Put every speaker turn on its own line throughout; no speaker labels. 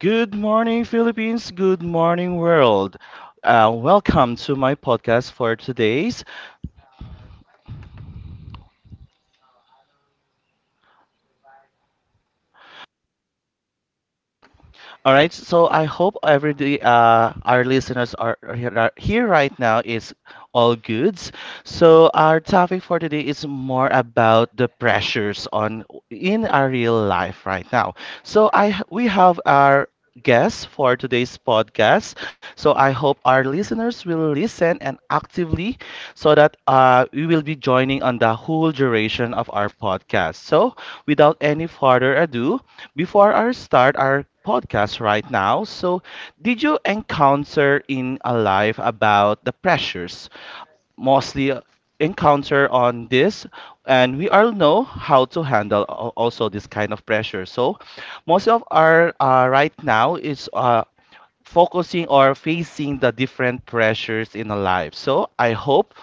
Good morning, Philippines. Good morning, world. Welcome to my podcast for today's. All right, so I hope every day our listeners are here right now is all goods. So our topic for today is more about the pressures on in our real life right now. So I we have our guest for today's podcast. So I hope our listeners will listen and actively so that we will be joining on the whole duration of our podcast. So without any further ado, before our start our podcast right now, so did you encounter in a life about the pressures mostly encounter on this and we all know how to handle also this kind of pressure so most of our right now is focusing or facing the different pressures in our life so I hope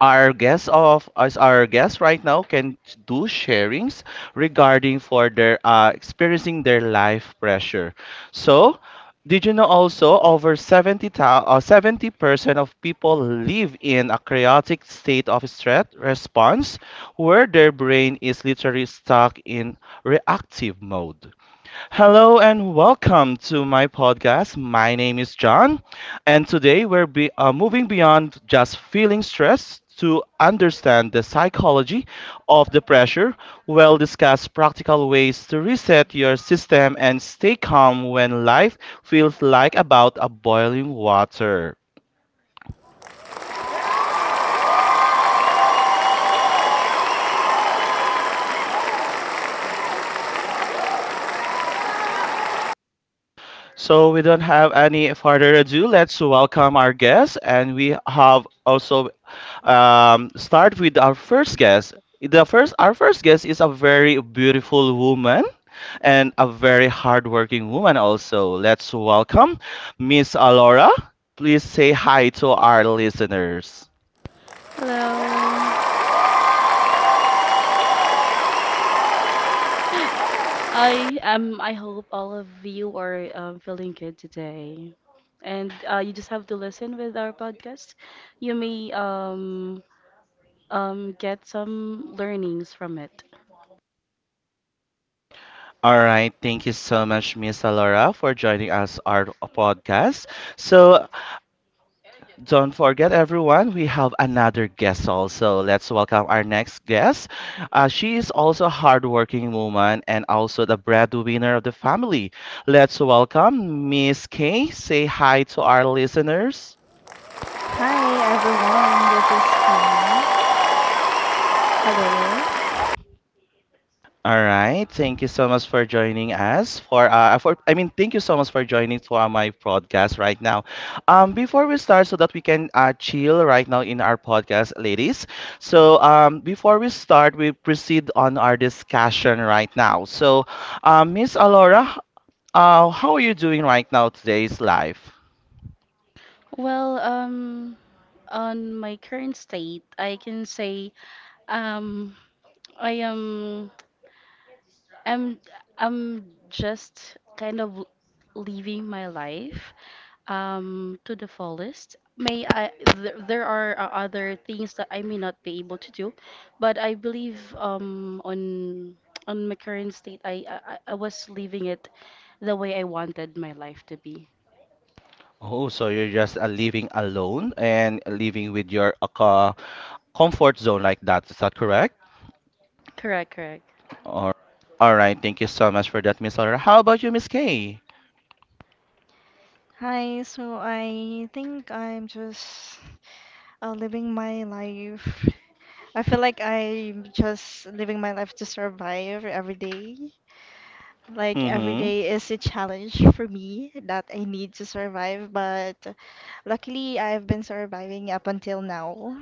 our guest of as our guest right now can do sharings regarding for their experiencing their life pressure. So, did you know also over 70 70% of people live in a chaotic state of stress response where their brain is literally stuck in reactive mode. Hello and welcome to my podcast. My name is John, and today we're moving beyond just feeling stress to understand the psychology of the pressure. We'll discuss practical ways to reset your system and stay calm when life feels like about a boiling water. So we don't have any further ado. Let's welcome our guest, and we have also start with our first guest. Our first guest is a very beautiful woman and a very hardworking woman. Also, let's welcome Miss Alora. Please say hi to our listeners.
Hello. I hope all of you are feeling good today. And you just have to listen with our podcast. You may get some learnings from it.
All right, thank you so much, Miss Alora, for joining us our podcast. So don't forget, everyone, we have another guest also. Let's welcome our next guest. She is also a hardworking woman and also the breadwinner of the family. Let's welcome Miss Kay. Say hi to our listeners.
Hi everyone, this is Kay. Hello.
All right. Thank you so much for joining us for thank you so much for joining for my podcast right now. Um, before we start so that we can chill right now in our podcast, ladies. So before we proceed on our discussion right now. So Miss Alora, uh, how are you doing right now today's life?
Well, on my current state, I can say um I am I'm I'm just kind of living my life to the fullest. There are other things that I may not be able to do, but I believe on my current state I was living it the way I wanted my life to be.
Oh, so you're just living alone and living with your comfort zone like that. Is that correct?
Correct, correct.
All, all right. Thank you so much for that, Miss Laura. How about you, Miss Kay?
Hi, so I think I'm just living my life. I feel like I'm just living my life to survive every day. Like every
Mm-hmm.
day is a challenge for me that I need to survive, but luckily I've been surviving up until now.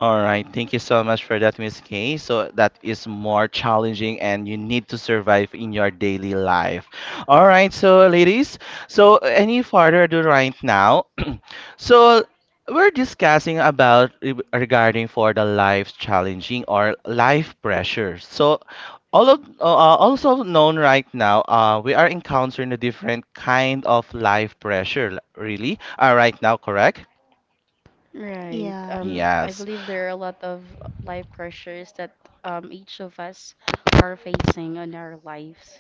All right, thank you so much for that, Miss Kay. So that is more challenging and you need to survive in your daily life. All right, so ladies, so any further ado right now. So we're discussing about regarding for the life challenging or life pressure. So all of, also known right now, we are encountering a different kind of life pressure, really, right now, correct?
Right.
Yeah,
I
Yes.
believe there are a lot of life pressures that each of us are facing in our lives.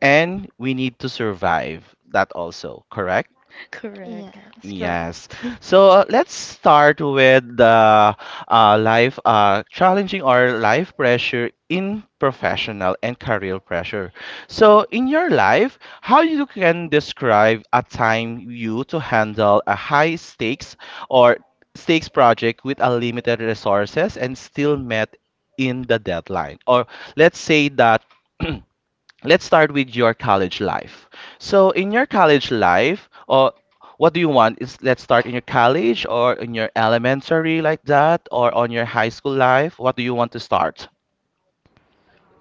And we need to survive that also, correct?
Correct.
yes,
Yes.
correct.
So let's start with the life challenging or life pressure in professional and career pressure. So in your life, how you can describe a time you to handle a high stakes or stakes project with a limited resources and still met in the deadline, or let's say that let's start with your college life. So in your college life, or what do you want? Is let's start in your college or in your elementary like that, or on your high school life? What do you want to start?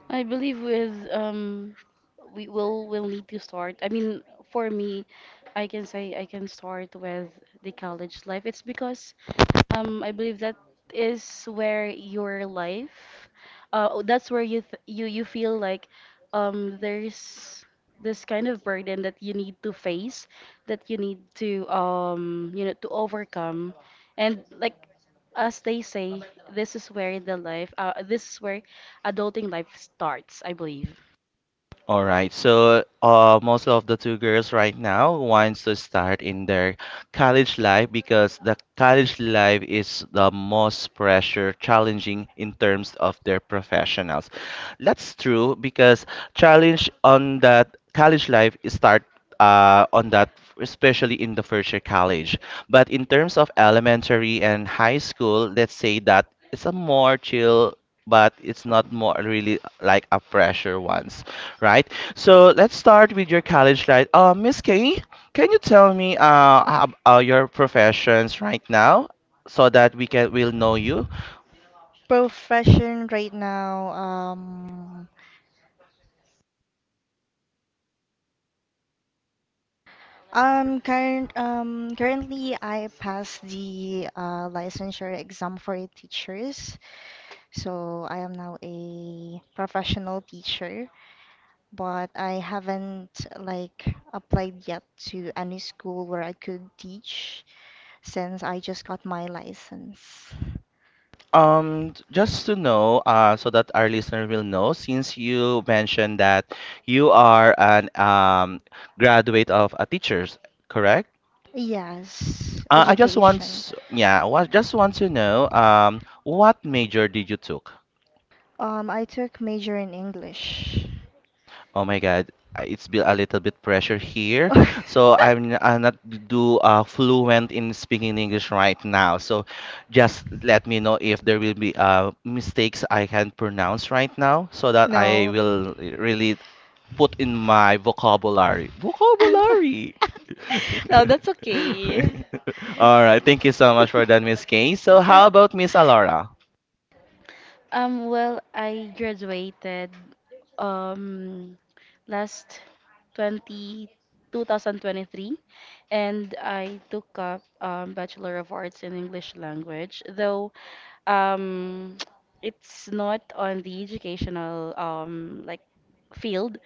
I believe with we will need to start. I mean, for me, I can say I can start with the college life. It's because I believe that is where your life that's where you you feel like there's this kind of burden that you need to face, that you need to to overcome. And like as they say, this is where the life this is where adulting life starts, I believe.
All right, so most of the two girls right now wants to start in their college life because the college life is the most pressure challenging in terms of their professionals. That's true because challenge on that college life is start on that, especially in the first year college. But in terms of elementary and high school, let's say that it's a more chill, but it's not more really like a pressure ones, right? So let's start with your college life. Miss K, can you tell me your professions right now so that we can will know you?
Profession right now, currently I passed the licensure exam for teachers, so I am now a professional teacher, but I haven't like applied yet to any school where I could teach since I just got my license.
Just to know, so that our listener will know, since you mentioned that you are an graduate of a teachers, correct?
Yes,
I just want,
education.
s- yeah, I wa- just want to know, what major did you took?
I took major in English.
Oh my God, it's been a little bit pressure here, so I'm not do fluent in speaking English right now. So just let me know if there will be mistakes I can pronounce right now, so that I
No.
will really put in my vocabulary. Vocabulary.
No, that's okay.
All right, thank you so much for that, Miss Kay. So how about Miss Alora?
Well, I graduated um last 20 2023, and I took up Bachelor of Arts in English Language, though Um, it's not on the educational field,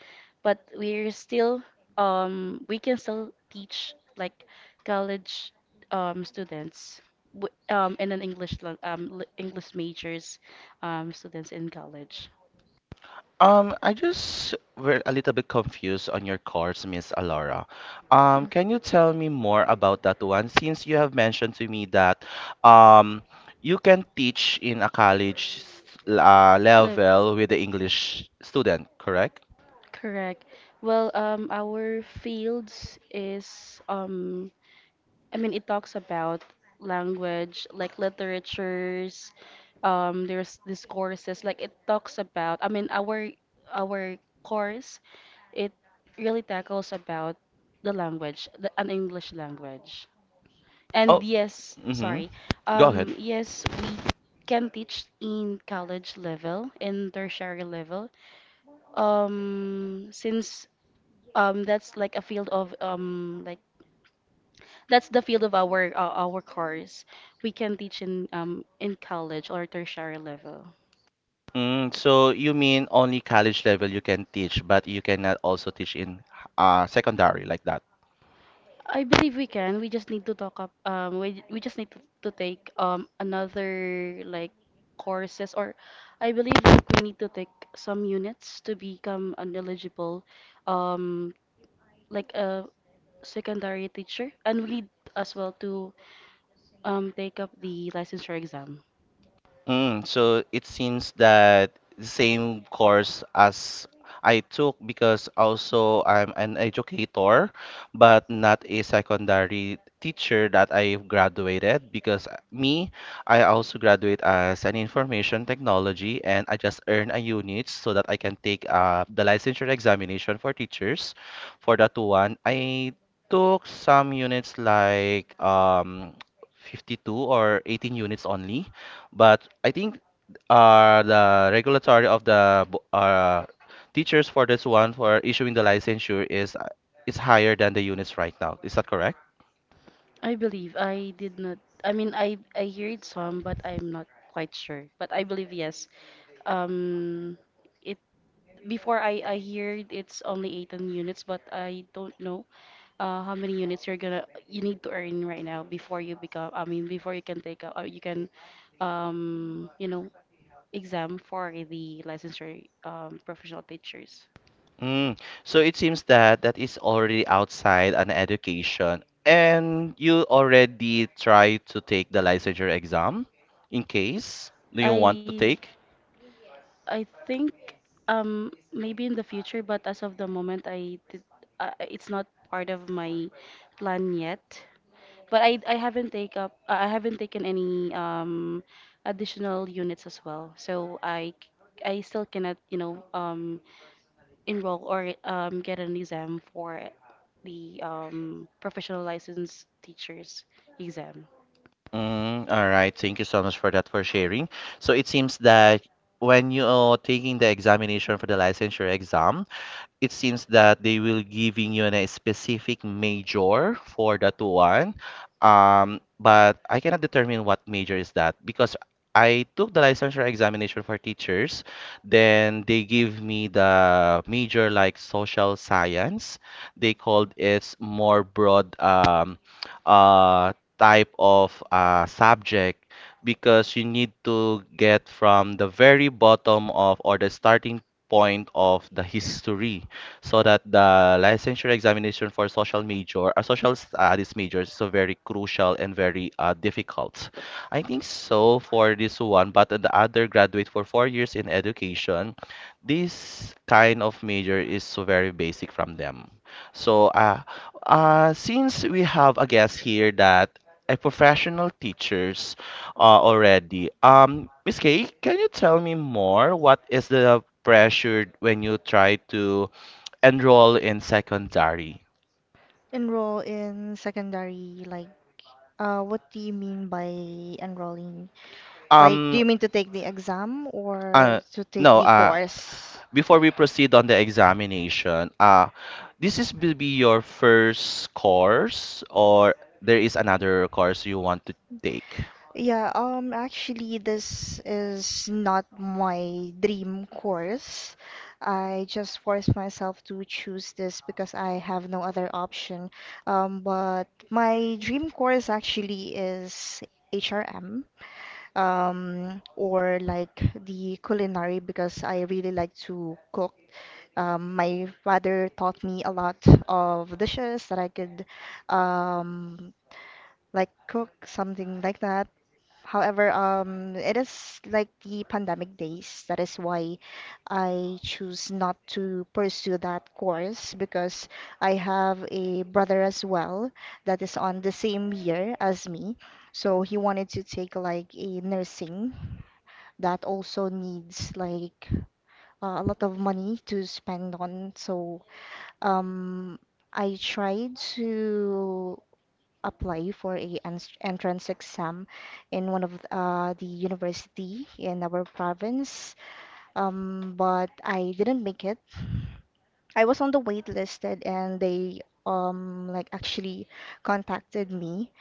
but we're still we can still teach like college students w and an English lang- li- English majors students in college.
I just were a little bit confused on your course, Miss Alara.
Mm.
Can you tell me more about that one? Since you have mentioned to me that um, you can teach in a
Le-
level with the English student, correct?
Correct. Well, our fields is I mean, it talks about language, like literatures. There's these courses, like it talks about. I mean, our course it really tackles about the language, the an English language. And
Oh,
yes,
mm-hmm.
sorry.
Go ahead.
Yes, we can teach in college level, in tertiary level. Since that's like a field of that's the field of our course. We can teach in college or tertiary level.
Mm, so you mean only college level you can teach, but you cannot also teach in secondary like that?
I believe we can. We just need to talk up. We just need to take another like courses or I believe like we need to take some units to become an eligible um like a secondary teacher, and we need as well to take up the licensure exam.
Mm, so it seems that the same course as I took because also I'm an educator, but not a secondary teacher that I've graduated because me, I also graduate as an information technology and I just earn a unit so that I can take the licensure examination for teachers. For that one, I took some units like 52 or 18 units only. But I think the regulatory of the teachers for this one for issuing the licensure is higher than the units right now. Is that correct?
I believe I did not. I mean, I hear it some, but I'm not quite sure. But I believe yes. Um, it Before I heard it's only 18 units, but I don't know how many units you need to earn right now before you become. I mean, before you can take up, you can um you know exam for the licensure professional teachers.
Mm. So it seems that that is already outside an education, and you already try to take the licensure exam in case do you want to
I
take?
I think maybe in the future, but as of the moment, it's not part of my plan yet. But I haven't take up. I haven't taken any additional units as well. So I still cannot, you know, enroll or get an exam for the professional license teachers exam.
Mm, all right. Thank you so much for that for sharing. So it seems that when you are taking the examination for the licensure exam, it seems that they will giving you a specific major for that one. But I cannot determine what major is that because I took the licensure examination for teachers, then they give me the major like social science. They called it more broad uh, type of subject because you need to get from the very bottom of or the starting point of the history so that the licensure examination for social major or social studies major is so very crucial and very difficult, I think so for this one. But the other graduate for 4 years in education, this kind of major is so very basic from them. So since we have a guest here that a professional teachers already. Miss Kay, can you tell me more? What is the pressure when you try to enroll in secondary?
Enroll in secondary, like, what do you mean by enrolling? Like, do
Um,
you mean to take the exam or
uh,
to take
no,
the course?
before we proceed on the examination, this is will be your first course or there is another course you want to take?
Yeah, actually, this is not my dream course. I just forced myself to choose this because I have no other option. But my dream course actually is HRM, or like the culinary because I really like to cook. My father taught me a lot of dishes that I could, um, like cook, something like that. However, it is like the pandemic days. That is why I choose not to pursue that course because I have a brother as well that is on the same year as me. So he wanted to take like a nursing that also needs like a lot of money to spend on. So um, I tried to apply for entrance exam in one of the university in our province. But I didn't make it. I was on the wait listed and they like actually contacted me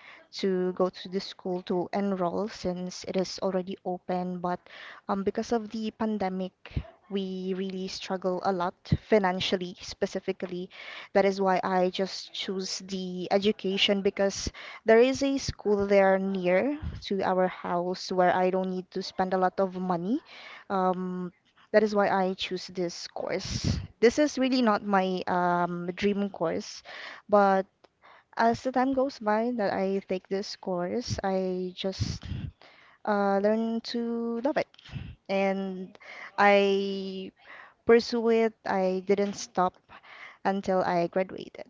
to go to the school to enroll since it is already open, but because of the pandemic we really struggle a lot financially, specifically. That is why I just choose the education, because there is a school there near to our house where I don't need to spend a lot of money. um that is why I choose this course. This is really not my dream course, but as the time goes by that I take this course, I just learn to love it and I pursue it. I didn't stop until I graduated.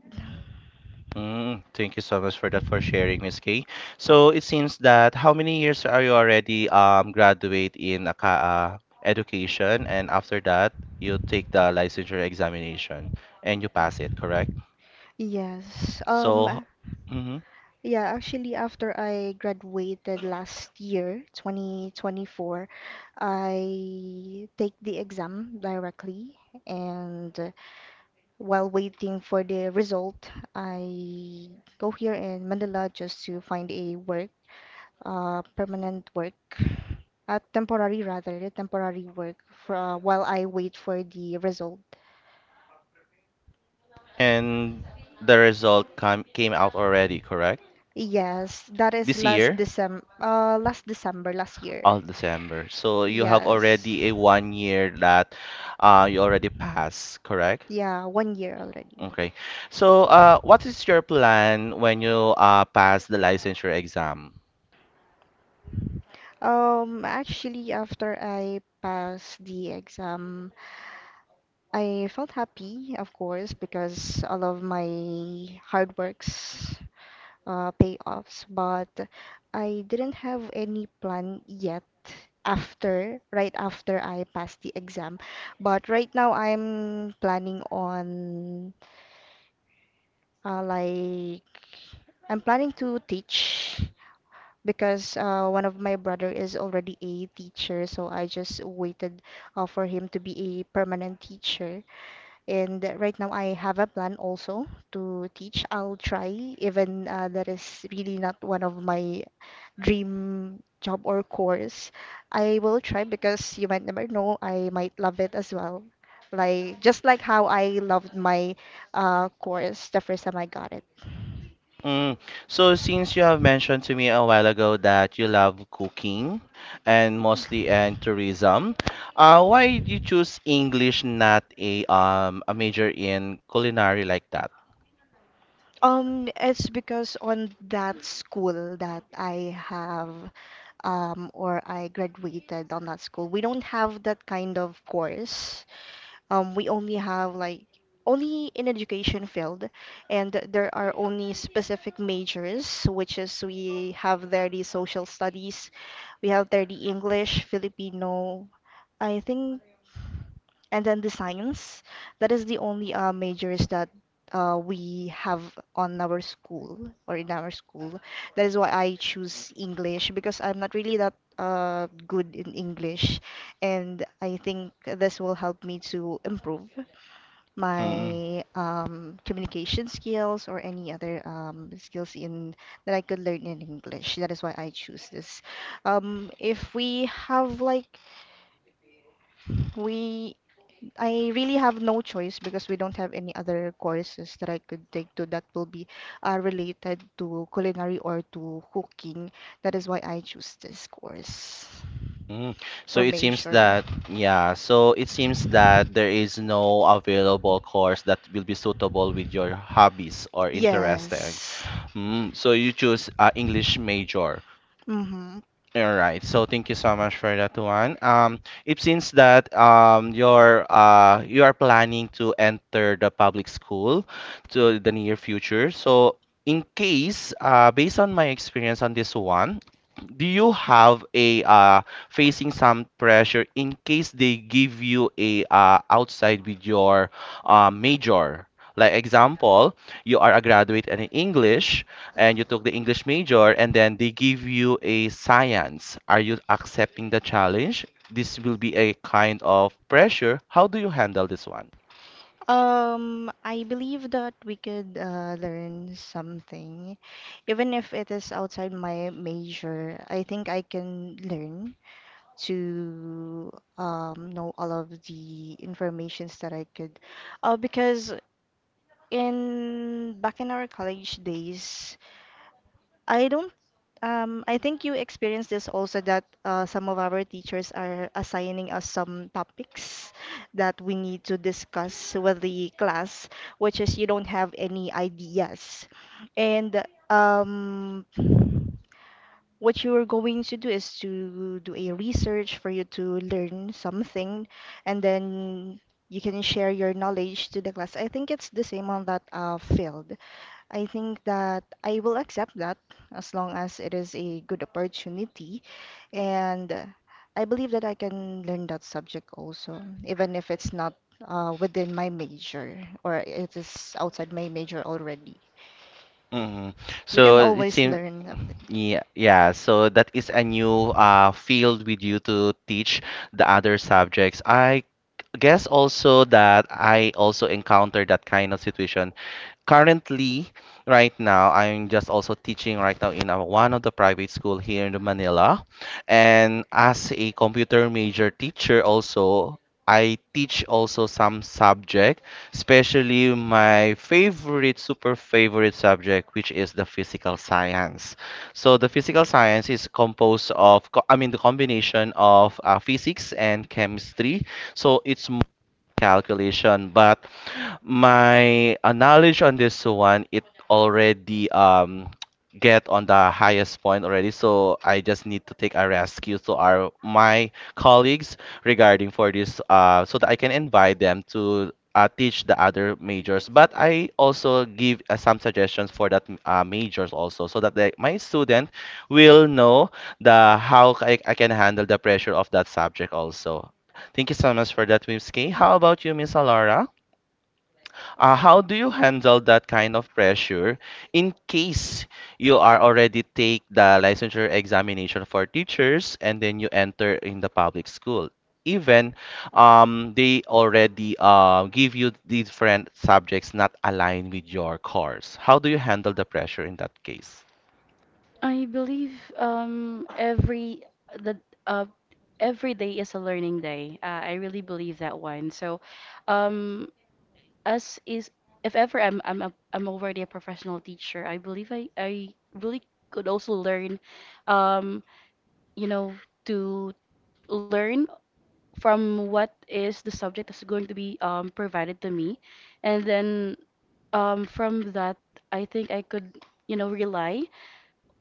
Mm, thank you so much for that for sharing, Miss Kay. So it seems that how many years are you already graduate in a education, and after that you take the licensure examination and you pass it, correct?
Yes.
So, mhm.
Yeah, actually, after I graduated last year, 2024, I take the exam directly, and while waiting for the result, I go here in Manila just to find a work, permanent work, a temporary, rather, a temporary work for while I wait for the result.
And the result come, came out already, correct?
Yes, that is
This
last
year,
December, last December last year.
all December. So you have
Yes.
already a one year that you already passed, correct?
Yeah, one year already.
Okay. So, what is your plan when you pass the licensure exam?
Actually, after I passed the exam, I felt happy, of course, because all of my hard works pay offs, but I didn't have any plan yet after, right after I passed the exam. But right now, I'm planning on uh, like I'm planning to teach because one of my brother is already a teacher, so I just waited for him to be a permanent teacher. And right now I have a plan also to teach. I'll try, even that is really not one of my dream job or course. I will try because you might never know, I might love it as well. Like just like how I loved my course the first time I got it.
Mm. So, since you have mentioned to me a while ago that you love cooking and mostly and tourism, why did you choose English, not a a major in culinary like that?
It's because on that school that I have, or I graduated on that school, we don't have that kind of course. We only have like only in education field, and there are only specific majors, which is we have 30 social studies, we have 30 English, Filipino, I think, and then the science. That is the only majors that we have on our school or in our school. That is why I choose English because I'm not really that good in English, and I think this will help me to improve my communication skills or any other skills in that I could learn in English. That is why I choose this. If we have like we I really have no choice because we don't have any other courses that I could take to that will be related to culinary or to cooking. That is why I choose this course
Mm. So
or
it seems
major.
that, yeah, so it seems that there is no available course that will be suitable with your hobbies or interesting.
Yes.
Mm. So you choose English major.
Mm-hmm.
All right. So thank you so much for that one. It seems that you are planning to enter the public school to the near future. So in case, based on my experience on this one, do you have a facing some pressure in case they give you a outside with your major? Like example, you are a graduate in English and you took the English major and then they give you a science. Are you accepting the challenge? This will be a kind of pressure. How do you handle this one?
I believe that we could learn something, even if it is outside my major. I think I can learn to know all of the informations that I could, because in back in our college days, I don't I think you experienced this also that some of our teachers are assigning us some topics that we need to discuss with the class, which is you don't have any ideas. And um, what you are going to do is to do a research for you to learn something, and then you can share your knowledge to the class. I think it's the same on that field. I think that I will accept that as long as it is a good opportunity. And I believe that I can learn that subject also, even if it's not within my major or it is outside my major already.
Hmm.
We
So
can
it
always
seems,
learn.
yeah, yeah. So that is a new field with you to teach the other subjects. I guess also that I also encountered that kind of situation currently right now. I'm just also teaching right now in a, one of the private school here in Manila, and as a computer major teacher also, I teach also some subject, especially my favorite super favorite subject which is the physical science. So the physical science is composed of the combination of physics and chemistry. So it's more calculation, but my knowledge on this one, it already get on the highest point already. So I just need to take a rescue to our my colleagues regarding for this so that I can invite them to teach the other majors. But I also give some suggestions for that majors also so that they, my student will know the how I can handle the pressure of that subject also. Thank you so much for that, Miss Kay. How about you, Miss Alora? How do you handle that kind of pressure in case you are already take the licensure examination for teachers and then you enter in the public school? Even they already give you different subjects not aligned with your course. How do you handle the pressure in that case?
I believe the uh, every day is a learning day. I really believe that one. So, um, as is, if ever I'm already a professional teacher, I believe I really could also learn, um, you know, to learn from what is the subject that's going to be provided to me, and then from that, I think I could rely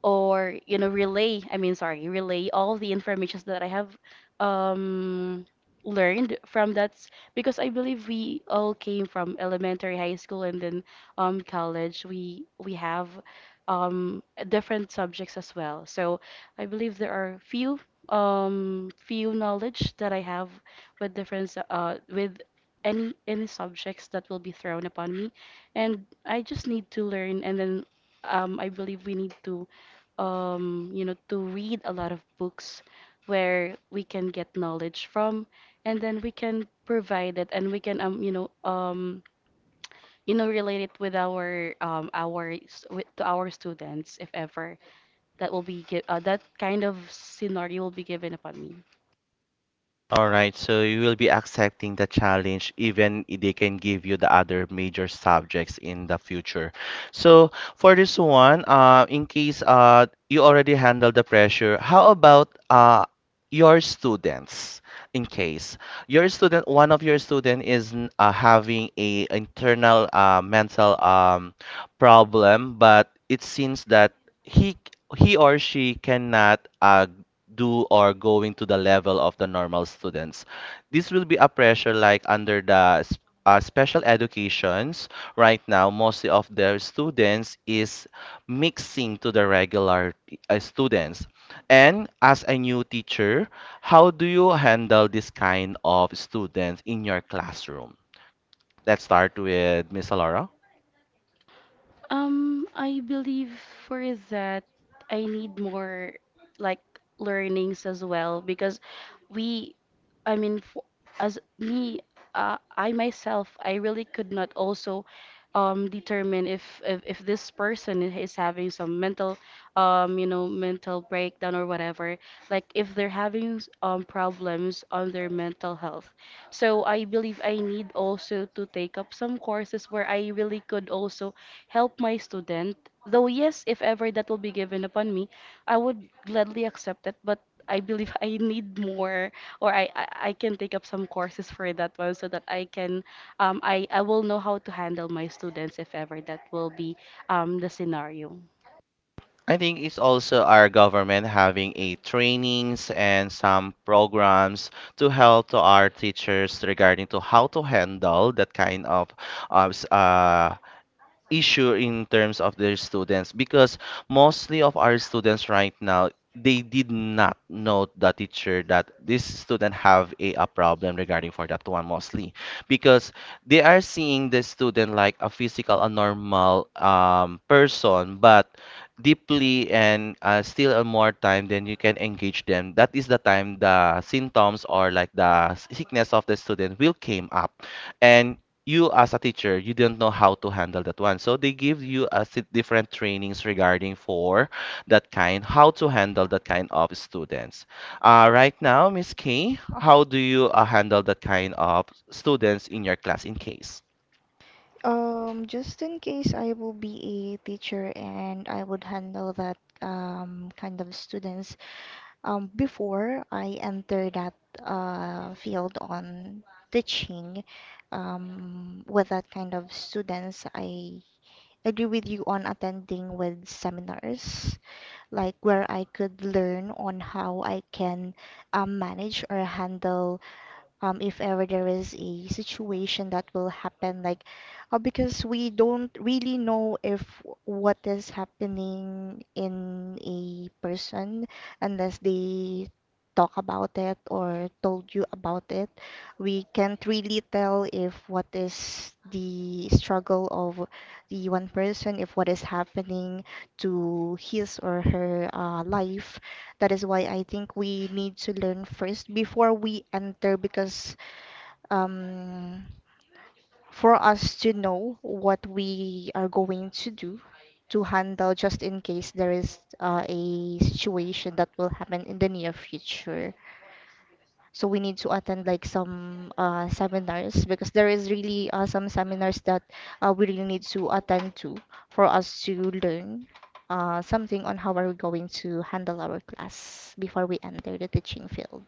or you know relay I mean sorry relay all the informations that I have um learned from that, because I believe we all came from elementary, high school, and then college. We have um different subjects as well, so I believe there are few knowledge that I have with any subjects that will be thrown upon me, and I just need to learn. And then I believe we need to to read a lot of books where we can get knowledge from, and then we can provide it, and we can, relate it with to our students, if ever that kind of scenario will be given upon me.
All right, so you will be accepting the challenge even if they can give you the other major subjects in the future. So for this one, in case you already handle the pressure, how about your students? In case your student, one of your student is having a internal mental problem, but it seems that he he or she cannot do or going to the level of the normal students. This will be a pressure like under the special educations. Right now, mostly of their students is mixing to the regular students. And as a new teacher, how do you handle this kind of students in your classroom? Let's start with Miss Laura.
I believe for that I need more like learnings as well, because we, I mean, as me, I myself, I really could not also determine if this person is having some mental you know mental breakdown or whatever, like if they're having problems on their mental health. So I believe I need also to take up some courses where I really could also help my student. Though yes, if ever that will be given upon me, I would gladly accept it, but I believe I need more or I can take up some courses for that one, so that I can I will know how to handle my students if ever that will be the scenario.
I think it's also our government having a trainings and some programs to help to our teachers regarding to how to handle that kind of uh, s- uh, issue in terms of their students, because mostly of our students right now, they did not know the teacher that this student have a problem regarding for that one, mostly because they are seeing the student like a physical a normal person, but deeply and still a more time then you can engage them, that is the time the symptoms or like the sickness of the student will came up. And you as a teacher, you don't know how to handle that one, so they give you a different trainings regarding for that kind, how to handle that kind of students. Right now, Miss K, how do you handle that kind of students in your class in case?
Just in case I will be a teacher and I would handle that kind of students, before I entered that field on teaching with that kind of students, I agree with you on attending with seminars, like where I could learn on how I can manage or handle if ever there is a situation that will happen, like because we don't really know if what is happening in a person unless they talk about it or told you about it. We can't really tell if what is the struggle of the one person, if what is happening to his or her life. That is why I think we need to learn first before we enter, because um, for us to know what we are going to do to handle just in case there is a situation that will happen in the near future. So we need to attend like some seminars, because there is really some seminars that we really need to attend to for us to learn something on how are we going to handle our class before we enter the teaching field.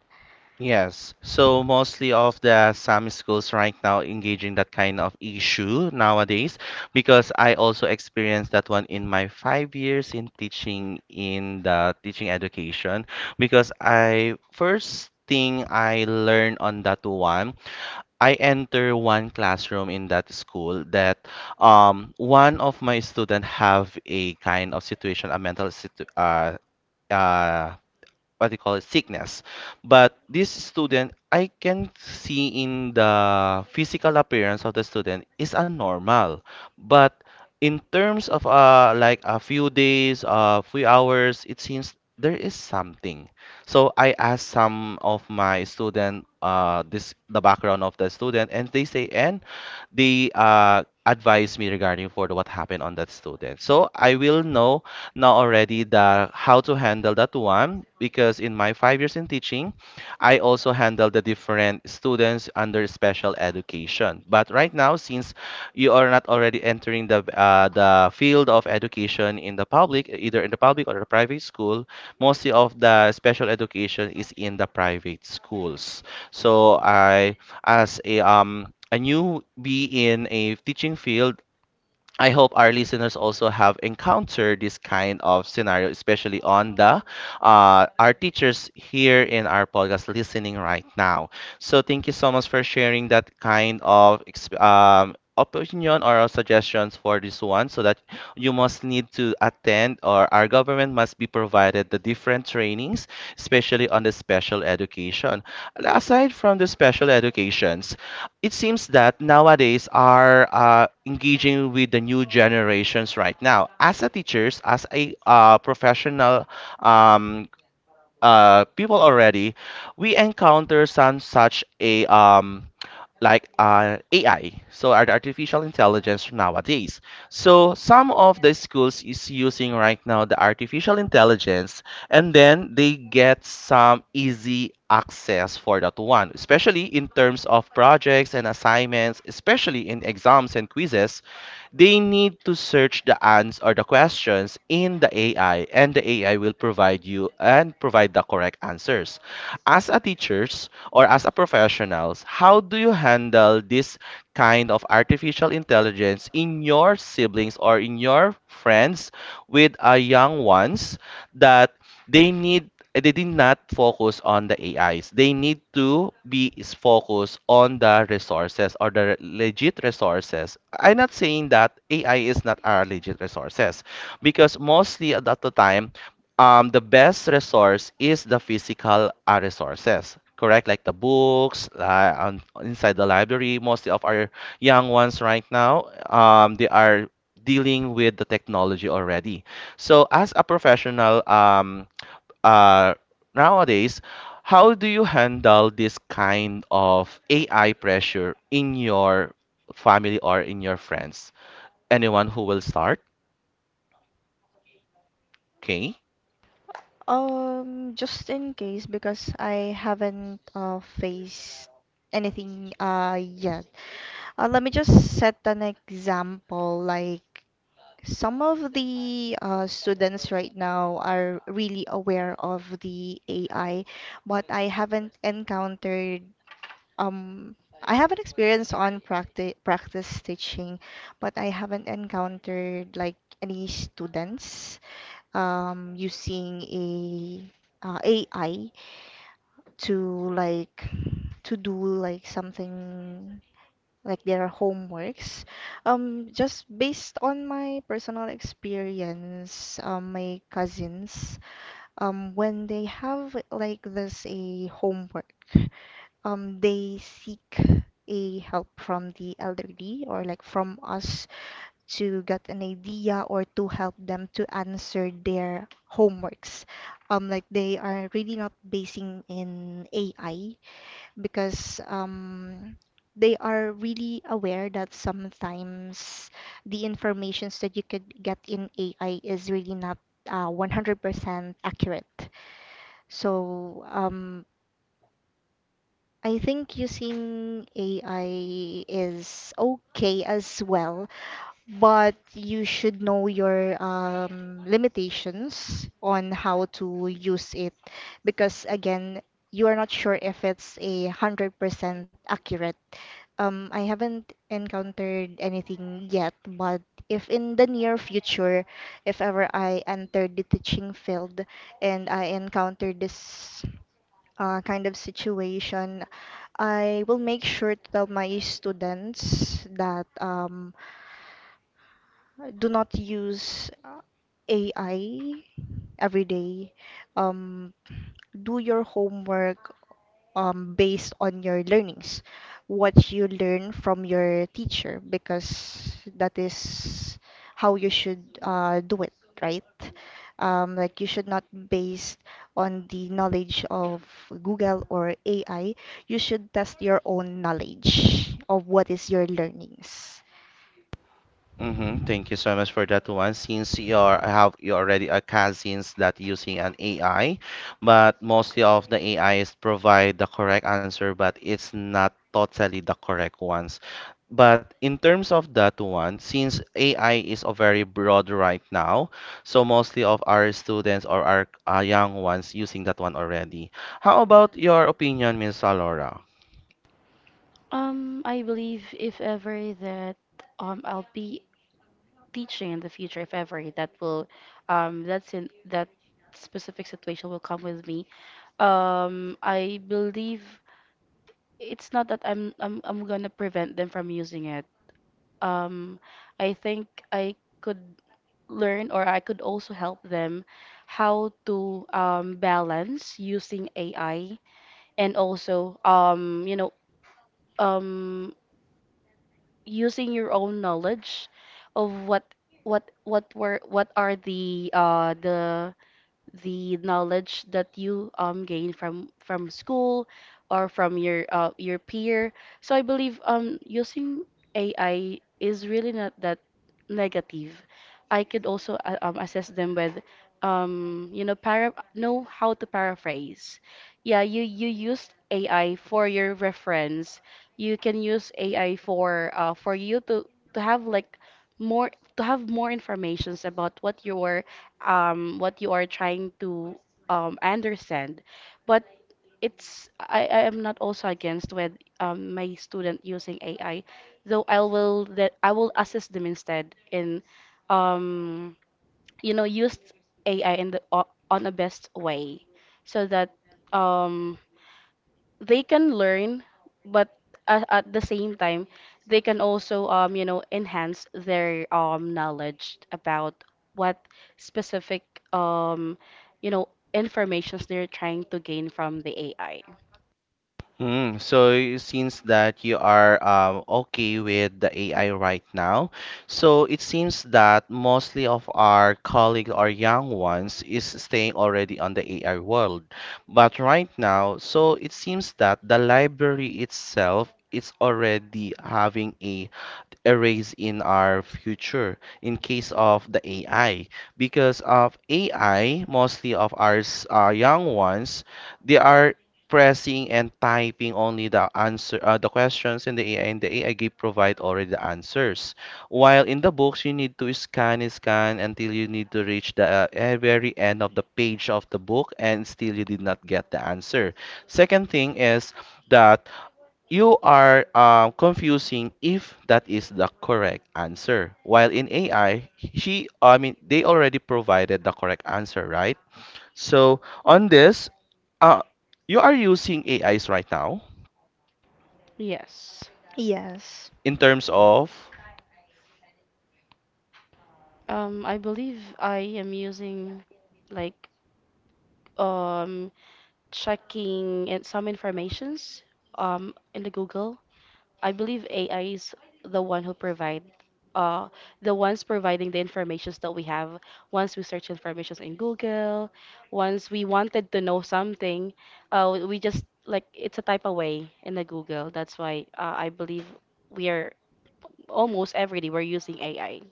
Yes. So mostly of the some schools right now engaging that kind of issue nowadays, because I also experienced that one in my 5 years in teaching in the teaching education. Because I first thing I learned on that one, I enter one classroom in that school that one of my student have a kind of situation, a mental situ uh what they call it sickness. But this student, I can see in the physical appearance of the student is abnormal. But in terms of like a few days, a few hours, it seems there is something. So I asked some of my student this the background of the student, and they say, and they advise me regarding for the, what happened on that student, so I will know already the how to handle that one. Because in my 5 years in teaching, I also handle the different students under special education. But right now, since you are not already entering the field of education in the public, either in the public or the private school, mostly of the special education is in the private schools. So I, as a newbie in a teaching field, I hope our listeners also have encountered this kind of scenario, especially on the our teachers here in our podcast listening right now. So thank you so much for sharing that kind of opinion or suggestions for this one. So that you must need to attend, or our government must be provided the different trainings, especially on the special education. Aside from the special education, it seems that nowadays are engaging with the new generations right now. As a teachers, as a professional um, people already, we encounter some such a like AI, so artificial intelligence nowadays. So some of the schools is using right now the artificial intelligence, and then they get some easy access for that one, especially in terms of projects and assignments, especially in exams and quizzes. They need to search the ans or the questions in the AI, and the AI will provide you and provide the correct answers. As a teachers or as a professionals, how do you handle this kind of artificial intelligence in your siblings or in your friends with a young ones that they need? They did not focus on the AIs. They need to be is focused on the resources or the legit resources. I'm not saying that AI is not our legit resources, because mostly at the time, the best resource is the physical resources. Correct, like the books inside the library. Mostly of our young ones right now, they are dealing with the technology already. So, as a professional, uh, nowadays, how do you handle this kind of AI pressure in your family or in your friends? Anyone who will start? Okay.
Just in case, because I haven't faced anything yet. Let me just set an example. Like some of the students right now are really aware of the AI, but I haven't encountered um. I have an experience on practice teaching, but I haven't encountered like any students using a AI to like to do like something like their homeworks. Just based on my personal experience, my cousins, when they have like this a homework, they seek a help from the elderly or like from us to get an idea or to help them to answer their homeworks. Like they are really not basing in AI, because they are really aware that sometimes the informations that you could get in AI is really not 100% accurate. So I think using AI is okay as well, but you should know your limitations on how to use it, because again you are not sure if it's 100% accurate. I haven't encountered anything yet, but if in the near future, if ever I enter the teaching field and I encounter this kind of situation, I will make sure to tell my students that I do not use AI every day. Um, do your homework based on your learnings, what you learn from your teacher, because that is how you should do it, right? Like you should not base on the knowledge of Google or AI. You should test your own knowledge of what is your learnings.
Mm-hmm. Thank you so much for that one. Since you are have you already are cousins that using an AI, but mostly of the A is provide the correct answer, but it's not totally the correct ones. But in terms of that one, since AI is a very broad right now, so mostly of our students or our young ones using that one already. How about your opinion, Miss Alora?
I believe if ever that I'll be teaching in the future, if ever that will that specific situation will come with me. I believe it's not that I'm gonna prevent them from using it. Um, I think I could learn or I could also help them how to balance using AI, and also um, using your own knowledge of what are the knowledge that you gain from school or from your peer. So I believe using AI is really not that negative. I could also assess them with para know how to paraphrase. Yeah, you used AI for your reference. You can use AI for you to have like more to have more informations about what you are trying to understand. But it's I am not also against with my student using AI, though I will assist them instead in um, use AI in on a best way, so that um, they can learn, but a at the same time, they can also enhance their knowledge about what specific um you know informations they're trying to gain from the AI.
Mm, so since that you are okay with the AI right now, so it seems that mostly of our colleagues or young ones is staying already on the AI world. But right now, so it seems that the library itself is already having a erase in our future in case of the AI. Because of AI, mostly of our young ones, they are pressing and typing only the answer the questions in the AI, and the AI give provide already the answers. While in the books, you need to scan until you need to reach the very end of the page of the book, and still you did not get the answer. Second thing is that you are confusing if that is the correct answer. While in AI, they already provided the correct answer, right? So on this, uh, you are using AIs right now
Yes.
Yes.
in terms of.
I believe I am using like um checking in some informations in the Google. I believe AI is the one who provide uh the ones providing the informations that we have once we search informations in Google, once we wanted to know something, we just like it's a type away in the Google. That's why I believe we are almost every day we're using AI.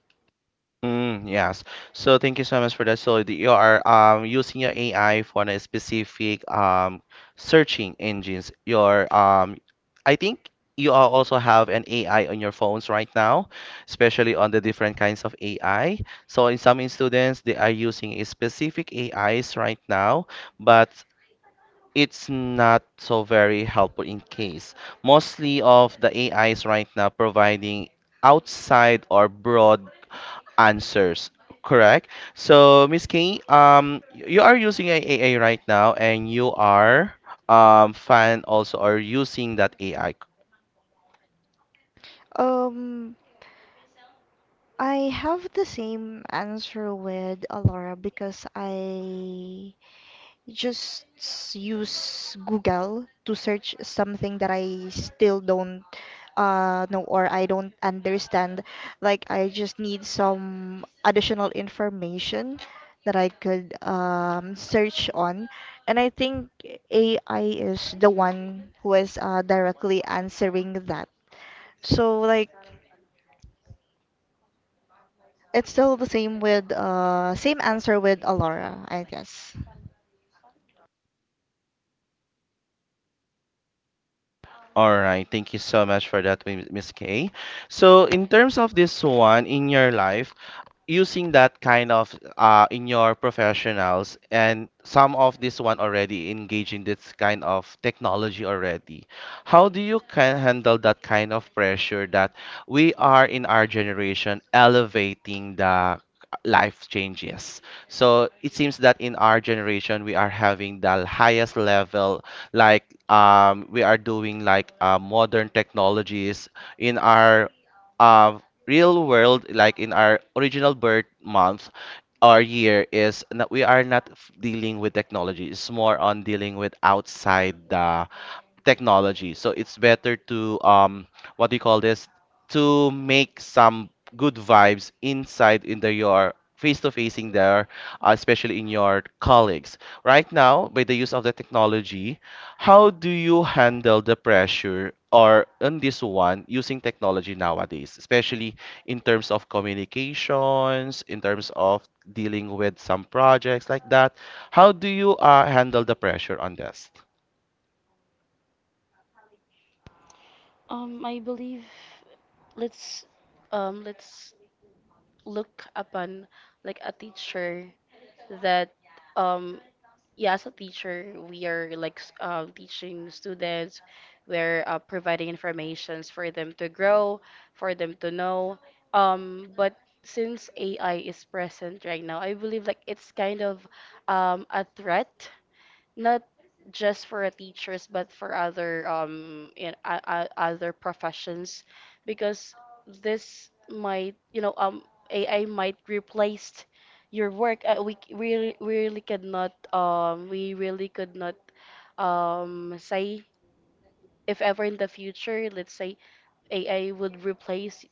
Mm, yes. So thank you so much for that. So you are using your AI for a specific searching engines. Your I think you all also have an AI on your phones right now, especially on the different kinds of AI. So in some students they are using a specific AIs right now, but it's not so very helpful in case. Mostly of the AIs right now providing outside or broad answers. Correct. So, Miss Kay, you are using a AI right now, and you are fan also are using that AI.
Um, I have the same answer with Alara, because I just use Google to search something that I still don't know or I don't understand. Like I just need some additional information that I could search on. And I think AI is the one who is directly answering that. So like, it's still the same with same answer with Alora, I guess.
All right, thank you so much for that, Miss Kay. So, in terms of this one in your life, using that kind of in your professionals and some of this one already engage in this kind of technology already, how do you can handle that kind of pressure that we are in our generation elevating the life changes? So it seems that in our generation we are having the highest level like we are doing like modern technologies in our uh, real world, like in our original birth month or year is not, we are not dealing with technology. It's more on dealing with outside the technology. So it's better to what do you call this? To make some good vibes inside in the your face to facing there, especially in your colleagues. Right now, by the use of the technology, how do you handle the pressure or in this one using technology nowadays, especially in terms of communications, in terms of dealing with some projects like that? How do you handle the pressure on this?
I believe let's let's look upon like a teacher that um Yeah, as a teacher, we are teaching students. We're providing informations for them to grow, for them to know. But since AI is present right now, I believe like it's kind of a threat, not just for teachers but for other in other professions, because this might AI might replace your work. We really could not say if ever in the future, let's say AI would replace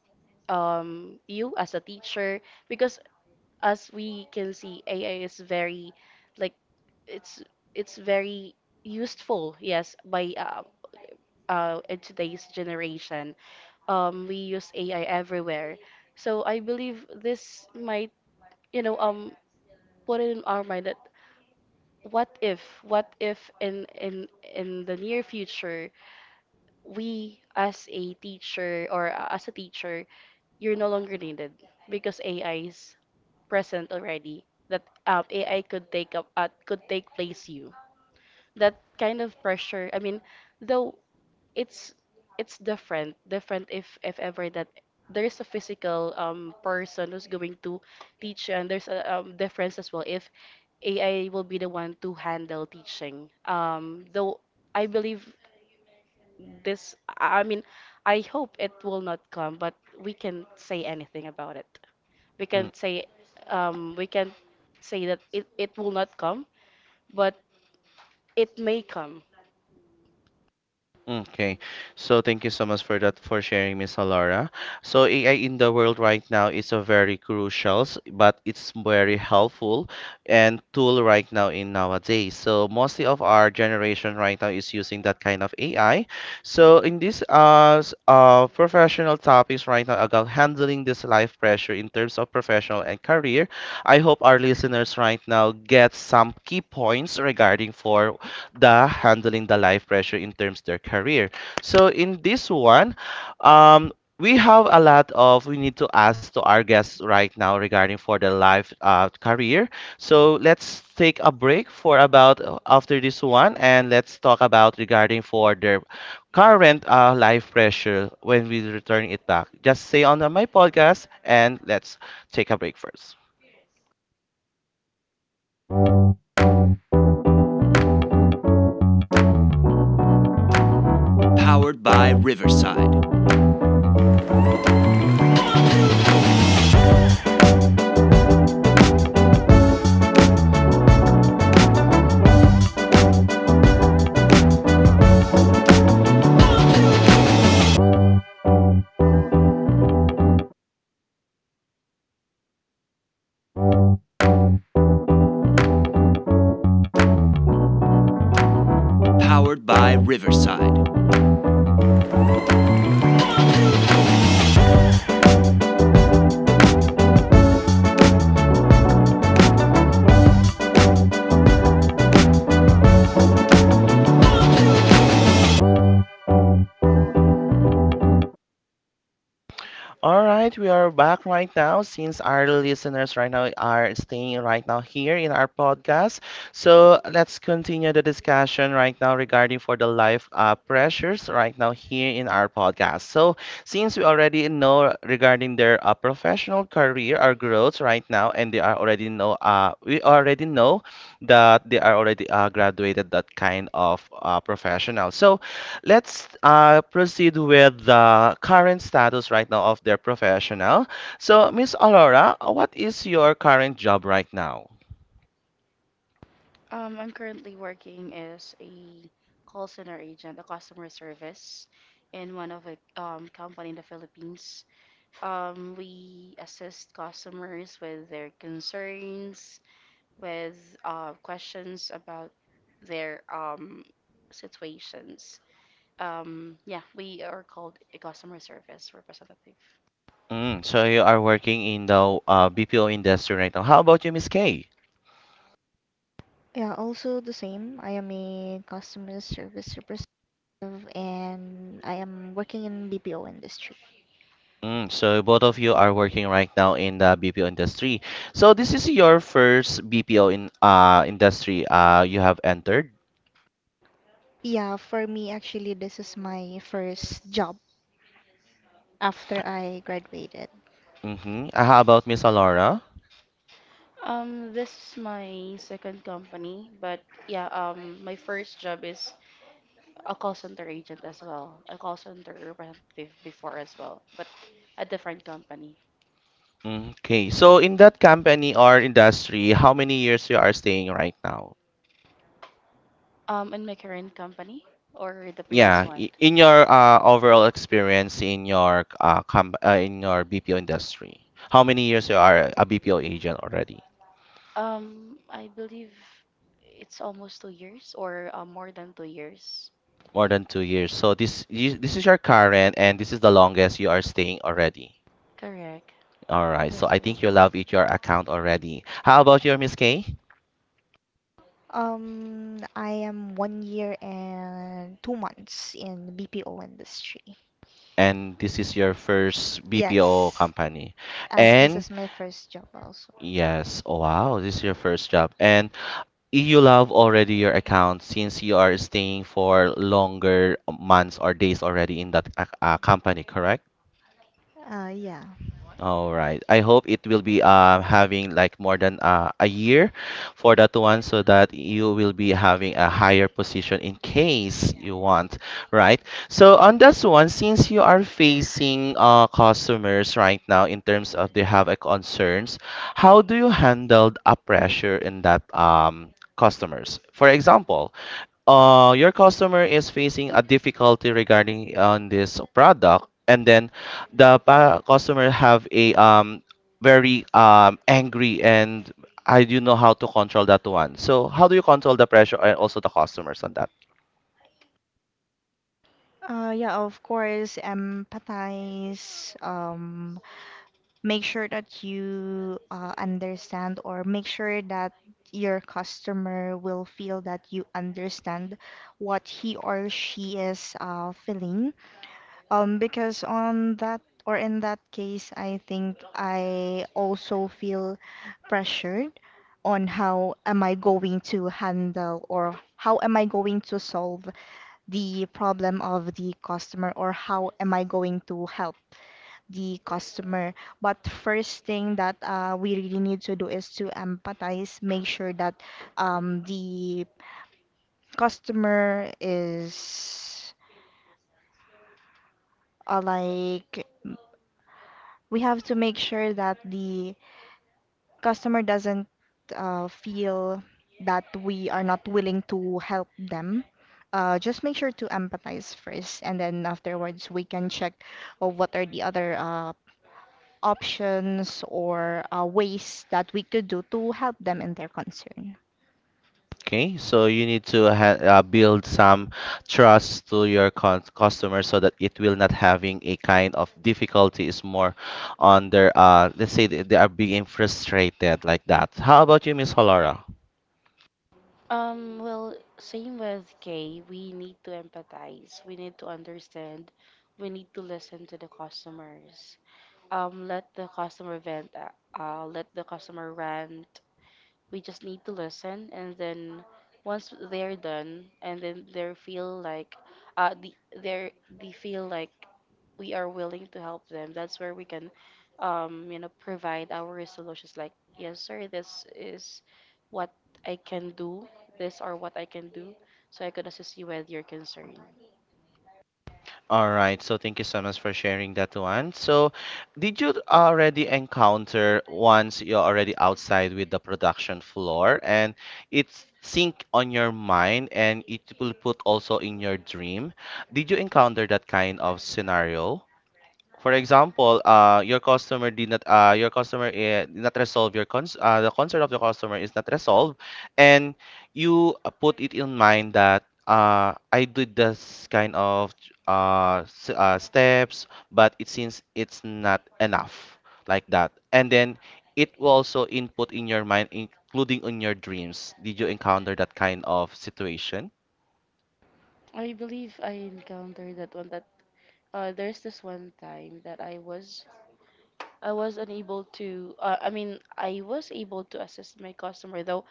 you as a teacher, because as we can see AI is very like it's it's very useful, yes, by in today's generation. We use AI everywhere, so I believe this might you know um put it in our mind that what if in the near future we as a teacher or as a teacher, you're no longer needed because AI is present already. That AI could take up could take place you. That kind of pressure. I mean, though it's it's different, different if ever that there is a physical person who's going to teach you, and there's a difference as well if AI will be the one to handle teaching. Though I believe this, I mean, I hope it will not come, but we can say anything about it we can't say um we can't say that it will not come, but it may come.
Okay, so thank you so much for that for sharing, Miss Laura. So AI in the world right now is a very crucial, but it's very helpful and tool right now in nowadays. So mostly of our generation right now is using that kind of AI. So in this professional topics right now about handling this life pressure in terms of professional and career, I hope our listeners right now get some key points regarding for the handling the life pressure in terms their career. So in this one, um, we have a lot of we need to ask to our guests right now regarding for their life career. So let's take a break for about after this one and let's talk about regarding for their current life pressure when we return it back. Just stay on my podcast and let's take a break first. All right, we are back right now since our listeners right now are staying right now here in our podcast. So let's continue the discussion right now regarding for the life pressures right now here in our podcast. So since we already know regarding their professional career or growth right now, and they are already know we already know that they are already graduated that kind of professional. So let's proceed with the current status right now of their professional. So Miss Aurora, what is your current job right now?
I'm currently working as a call center agent, a customer service in one of a company in the Philippines. We assist customers with their concerns, with questions about their situations. Yeah, we are called a customer service representative.
Mm, so you are working in the BPO industry right now. How about you, Miss Kay?
Yeah, also the same. I am a customer service representative and I am working in BPO industry.
Mm, so both of you are working right now in the BPO industry. So this is your first BPO in industry you have entered.
Yeah, for me actually this is my first job after I graduated.
Mm-hmm. How about Miss Alora?
This is my second company, but yeah, my first job is a call center agent as well, a call center representative before as well, but a different company.
Okay. So in that company or industry, how many years you are staying right now?
In my current company or the previous
Yeah,
one?
in your overall experience in your com in your BPO industry, how many years you are a BPO agent already?
I believe it's almost 2 years or more than 2 years.
More than 2 years. So this you, this is your current, and this is the longest you are staying already.
Correct.
All right. So
That's
I
the
think
number.
you love it your account already. How about your Miss K?
I am 1 year and 2 months in BPO industry.
And this is your first BPO
Yes,
company,
as this
and
is my first job also.
yes, oh wow, this is your first job, and you love already your account since you are staying for longer months or days already in that company, correct?
Yeah.
All right. I hope it will be having like more than a year for that one so that you will be having a higher position in case you want, right? So on this one, since you are facing customers right now in terms of they have a concerns, how do you handle a pressure in that customers? For example, your customer is facing a difficulty regarding on this product and then the customer have a very angry and I do know how to control that one, so how do you control the pressure and also the customers on that?
Yeah, of course, empathize, make sure that you understand, or make sure that your customer will feel that you understand what he or she is feeling. Because on that, or in that case, I think I also feel pressured on how am I going to handle or how am I going to solve the problem of the customer, or how am I going to help the customer. But first thing that we really need to do is to empathize, make sure that the customer is uh, like we have to make sure that the customer doesn't feel that we are not willing to help them. Just make sure to empathize first, and then afterwards we can check of what are the other options or ways that we could do to help them in their concern.
Okay, so you need to build some trust to your customer so that it will not having a kind of difficulty is more on their let's say they are being frustrated like that. How about you, Miss Halora?
Well, same with Kay, we need to empathize, we need to understand, we need to listen to the customers. Let the customer vent, let the customer rant, we just need to listen, and then once they're done and then they feel like uh the they they feel like we are willing to help them, that's where we can, um, provide our solutions like, yes sir, this is what I can do, this, or what I can do so I could assist you with your concern.
All right, so thank you so much for sharing that one. So, did you already encounter once you're already outside with the production floor and it's sink on your mind and it will put also in your dream? Did you encounter that kind of scenario? For example, your customer did not, your customer did not resolve your the concern of the customer is not resolved, and you put it in mind that I did this kind of steps, but it seems it's not enough like that. And then it will also input in your mind, including on your dreams. Did you encounter that kind of situation?
I believe I encountered that one. That There's this one time that I was unable to, I mean, I was able to assist my customer, though,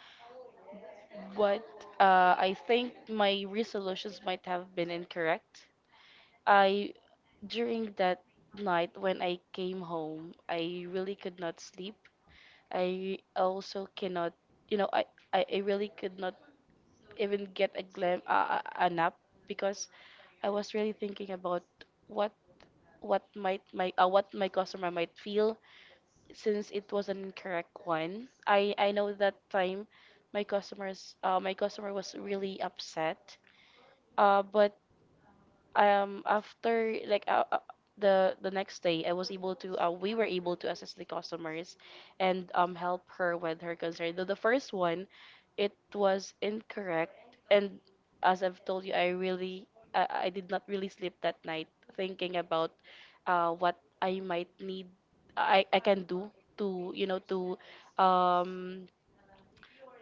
but I think my resolutions might have been incorrect. I, During that night when I came home, I really could not sleep. I also cannot, you know, I really could not even get a glam a nap because I was really thinking about what what my customer might feel, since it was an incorrect one. I know that time my customer was really upset. But After like, the next day, I was able to we were able to assist the customers and um, help her with her concern. Though the first one, it was incorrect, and as I've told you, I really, I did not really sleep that night, thinking about uh, what I might need, I can do to, you know, to um,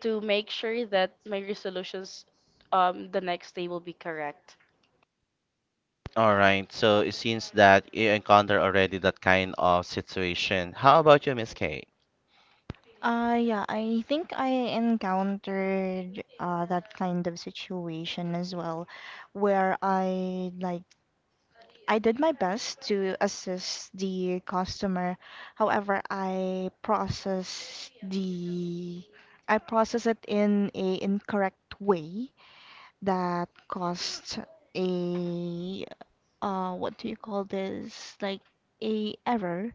to make sure that my resolutions um, the next day will be correct.
All right. So it seems that you encounter already that kind of situation. How about you, Miss K?
Yeah, I think I encountered that kind of situation as well, where I did my best to assist the customer. However, I processed it in a incorrect way that caused a what do you call this, like a error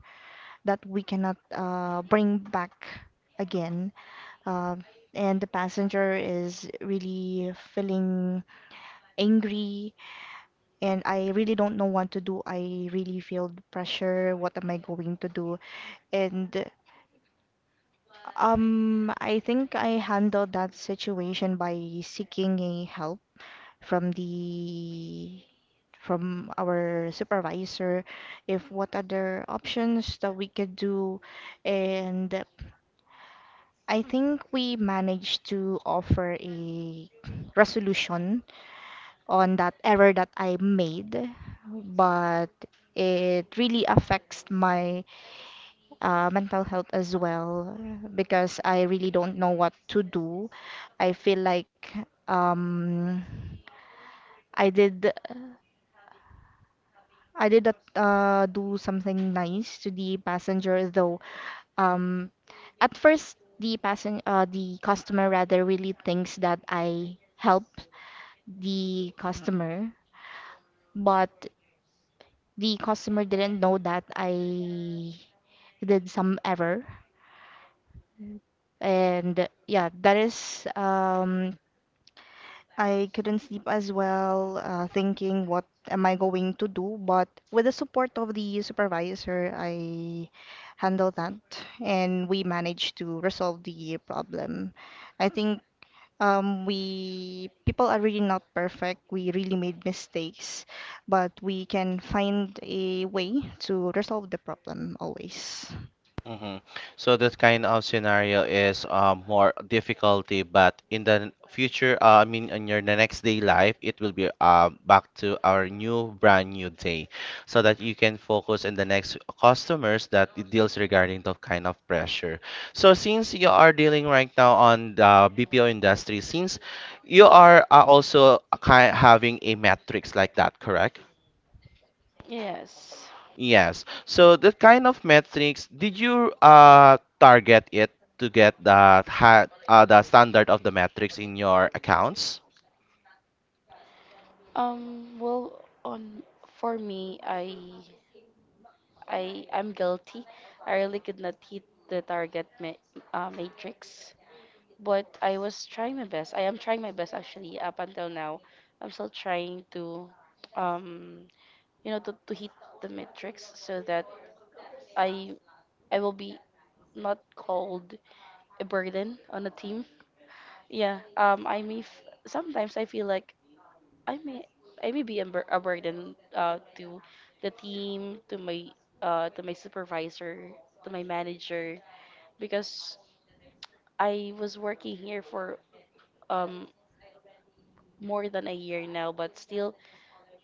that we cannot bring back again, uh, and the passenger is really feeling angry, and I really don't know what to do. I really feel the pressure, what am I going to do. And I think I handled that situation by seeking a help from the from our supervisor, if what other options that we could do. And I think we managed to offer a resolution on that error that I made, but it really affects my mental health as well, because I really don't know what to do. I feel like um I did I did not do something nice to the passenger, though. Um, at first, the passen the customer rather really thinks that I helped the customer, but the customer didn't know that I did some error. And yeah, that is, I couldn't sleep as well, thinking what am I going to do. But with the support of the supervisor, I handled that and we managed to resolve the problem. I think we people are really not perfect. We really made mistakes, but we can find a way to resolve the problem always.
Hmm. So that kind of scenario is more difficulty, but in the future, I mean, in your the next day life, it will be back to our new brand new day, so that you can focus on the next customers that it deals regarding the kind of pressure. So since you are dealing right now on the BPO industry, since you are also ki having a metrics like that, correct?
Yes.
Yes. So that kind of metrics, did you target it to get the ha the standard of the metrics in your accounts?
Well, on For me, I am guilty. I really could not hit the target matrix, but I was trying my best. I am trying my best actually up until now. I'm still trying to, um, you know, to hit the matrix so that I I will be not called a burden on the team. Yeah. I may f Sometimes I feel like I may I may be a burden to the team, to my, to my supervisor, to my manager, because I was working here for um, more than a year now, but still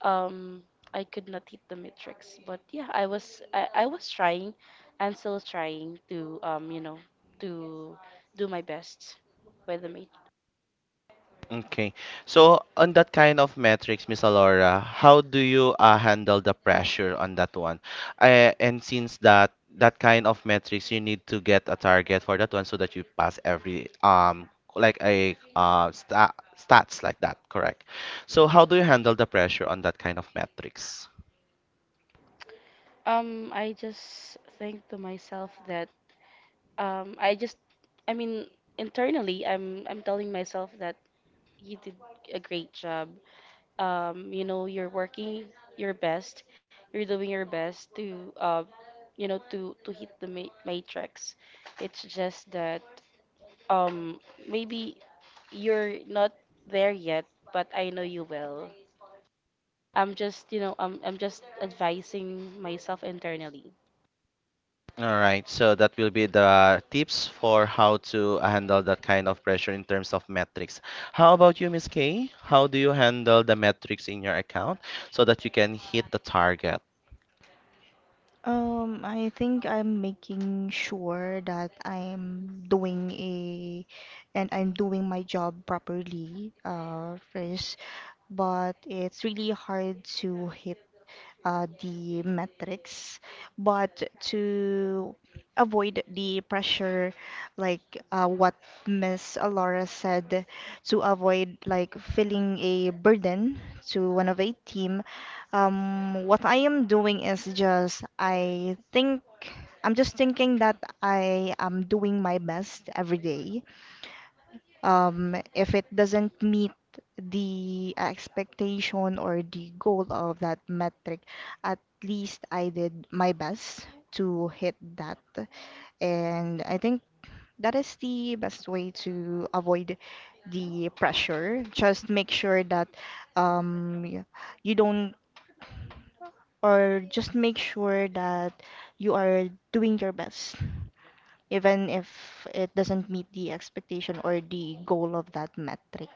um, I could not hit the metrics. But yeah, I was trying and still trying to, um, you know, to do my best by the mate.
Okay. So on that kind of metrics, Miss Alora, how do you handle the pressure on that one? And since that kind of metrics, you need to get a target for that one so that you pass every like a stats like that, correct? So how do you handle the pressure on that kind of metrics?
I just think to myself that um, I just, I mean, internally, I'm, telling myself that you did a great job. You know, you're working your best. You're doing your best to, uh, you know, to hit the matrix. It's just that um, maybe you're not there yet, but I know you will. I'm just, you know, I'm just advising myself internally.
All right, so that will be the tips for how to handle that kind of pressure in terms of metrics. How about you, Miss Kay? How do you handle the metrics in your account so that you can hit the target?
I think I'm making sure that I'm doing my job properly, first, but it's really hard to hit the metrics. But to avoid the pressure, like what Miss Laura said, to avoid like feeling a burden to one of a team. What I am doing is just, I think I'm just thinking that I am doing my best every day. If it doesn't meet the expectation or the goal of that metric, at least I did my best to hit that. And I think that is the best way to avoid the pressure. Just make sure that um, y- you don't, or just make sure that you are doing your best, even if it doesn't meet the expectation or the goal of that metric.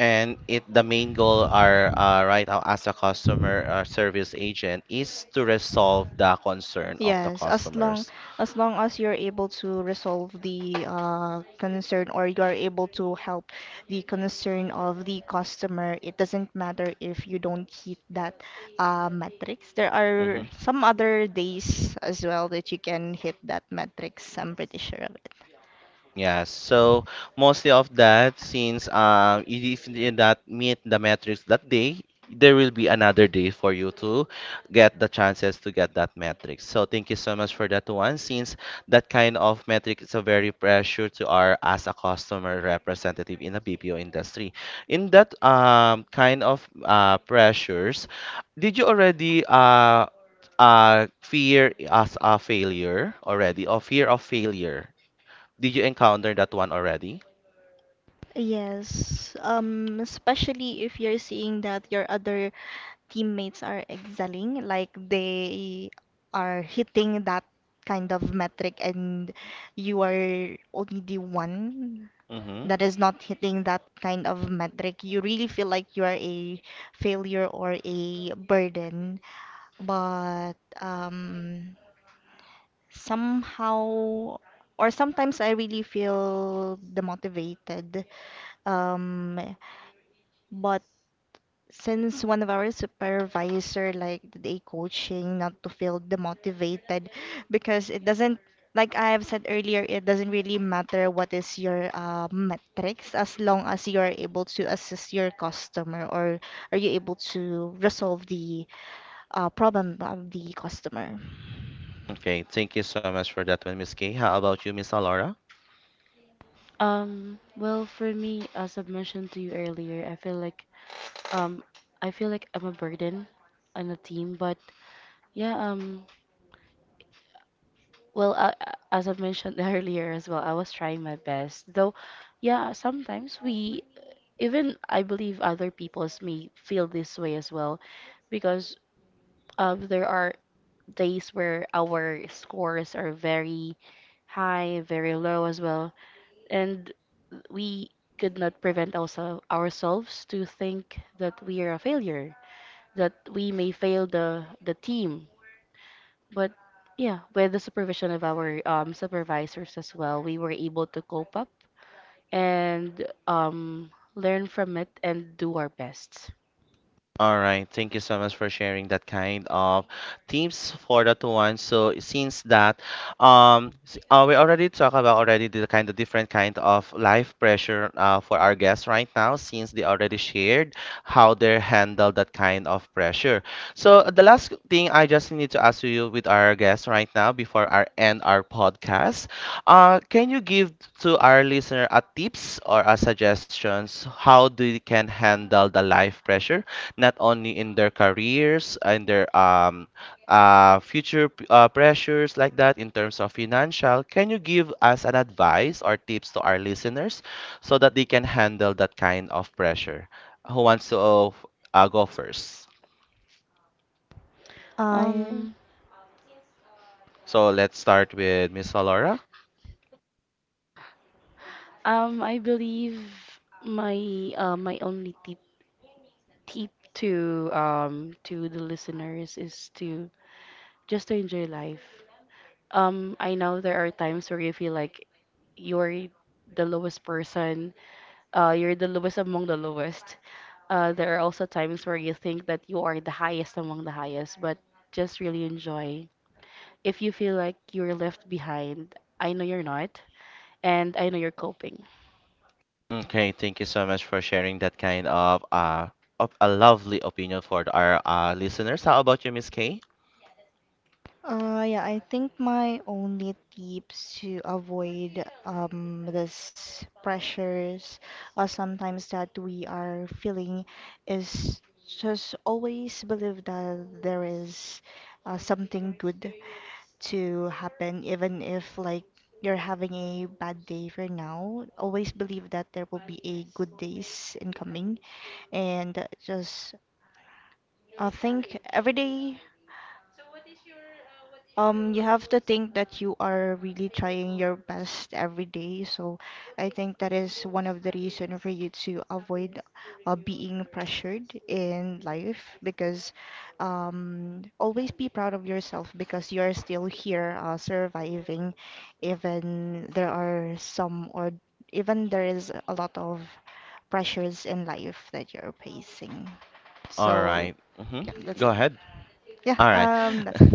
And it the main goal are right now as a customer service agent is to resolve the concern of the
Yes,
customers.
as long as you're able to resolve the concern, or you are able to help the concern of the customer, it doesn't matter if you don't hit that metrics. There are
Mm-hmm.
some other days as well that you can hit that metrics. I'm pretty sure of it.
Yeah, so mostly of that, since if you did not meet the metrics that day, there will be another day for you to get the chances to get that metrics. So thank you so much for that one, since that kind of metric is a very pressure to our as a customer representative in the BPO industry. In that kind of pressures, did you already fear as a failure already, or fear of failure? Did you encounter that one already?
Yes, especially if you're seeing that your other teammates are excelling, like they are hitting that kind of metric and you are only the one
Mm-hmm.
that is not hitting that kind of metric, you really feel like you are a failure or a burden. But um, somehow, or sometimes I really feel demotivated. Um, but since one of our supervisor like they coaching not to feel demotivated, because it doesn't, like I have said earlier, it doesn't really matter what is your metrics, as long as you are able to assist your customer, or are you able to resolve the problem of the customer.
Okay, thank you so much for that one, Miss Kay. How about you, Miss Alora?
Well, for me, as I've mentioned to you earlier, I feel like um, I feel like I'm a burden on the team, but yeah, um, well, as I mentioned earlier as well, I was trying my best. Though yeah, sometimes we, even I believe other peoples may feel this way as well, because there are days where our scores are very high, very low as well. And we could not prevent also ourselves to think that we are a failure, that we may fail the team. But yeah, with the supervision of our supervisors as well, we were able to cope up and learn from it and do our best.
All right, thank you so much for sharing that kind of tips for that one. So since that, we already talk about already the kind of different kind of life pressure for our guests right now, since they already shared how they handle that kind of pressure. So the last thing I just need to ask you with our guests right now before our end our podcast, can you give to our listener a tips or a suggestions how they can handle the life pressure? Not only in their careers and their future pressures like that in terms of financial, can you give us an advice or tips to our listeners so that they can handle that kind of pressure? Who wants to go first?
Uh,
Um,
So let's start with Miss Laura.
um, I believe my, my only tip to um, to the listeners is to just to enjoy life. I know there are times where you feel like you're the lowest person, you're the lowest among the lowest. There are also times where you think that you are the highest among the highest, but just really enjoy. If you feel like you're left behind, I know you're not, and I know you're coping.
Okay, thank you so much for sharing that kind of a lovely opinion for our listeners. How about you, Miss Kay?
yeah, I think my only tips to avoid this pressures sometimes that we are feeling is just always believe that there is something good to happen, even if like you're having a bad day for now. Always believe that there will be a good days incoming. And just, I think every day you have to think that you are really trying your best every day. So I think that is one of the reason for you to avoid being pressured in life, because always be proud of yourself because you are still here, surviving, even there are some, or even there is a lot of pressures in life that you're facing.
All
So
right. Mm-hmm.
yeah, that's
Go
it.
ahead.
Yeah,
All right.
um, that's it.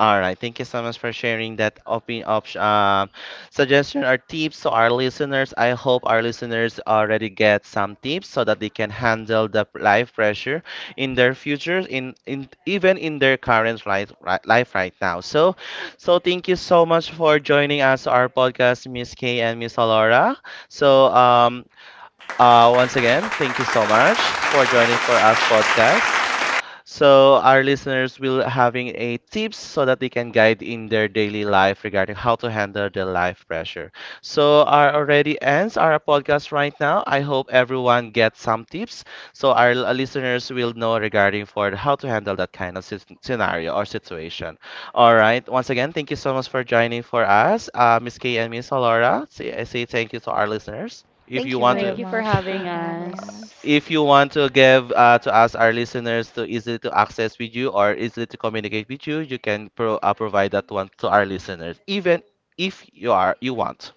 All right. Thank you so much for sharing that open option suggestion or tips to our listeners. I hope our listeners already get some tips so that they can handle the life pressure in their futures, in even in their current life right now. So, so thank you so much for joining us our podcast, Miss Kay and Miss Alora. So, once again, thank you so much for joining for us podcast. So our listeners will having a tips so that they can guide in their daily life regarding how to handle their life pressure. So our already ends our podcast right now. I hope everyone gets some tips so our listeners will know regarding for how to handle that kind of scenario or situation. All right. Once again, thank you so much for joining for us, Miss Kay and Miss Alora. Say, I say thank you to our listeners. If
Thank
you
you
want
very
Thank
to,
you for
much for
having
having
us.
us.
if you want to give to us our listeners to easily to access with you or easily to communicate with you, you can provide that one to our listeners, even if you are you want.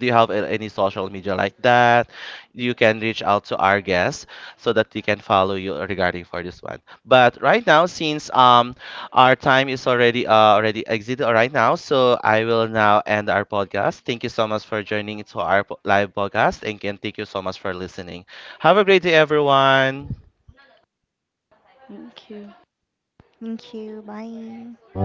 Do you have any social media like that? You can reach out to our guests so that they can follow you regarding for this one. But right now, since our time is already already exited right now, so I will now end our podcast. Thank you so much for joining to our live podcast, and again, thank you so much for listening. Have a great day, everyone.
Thank you.
Thank you. Bye.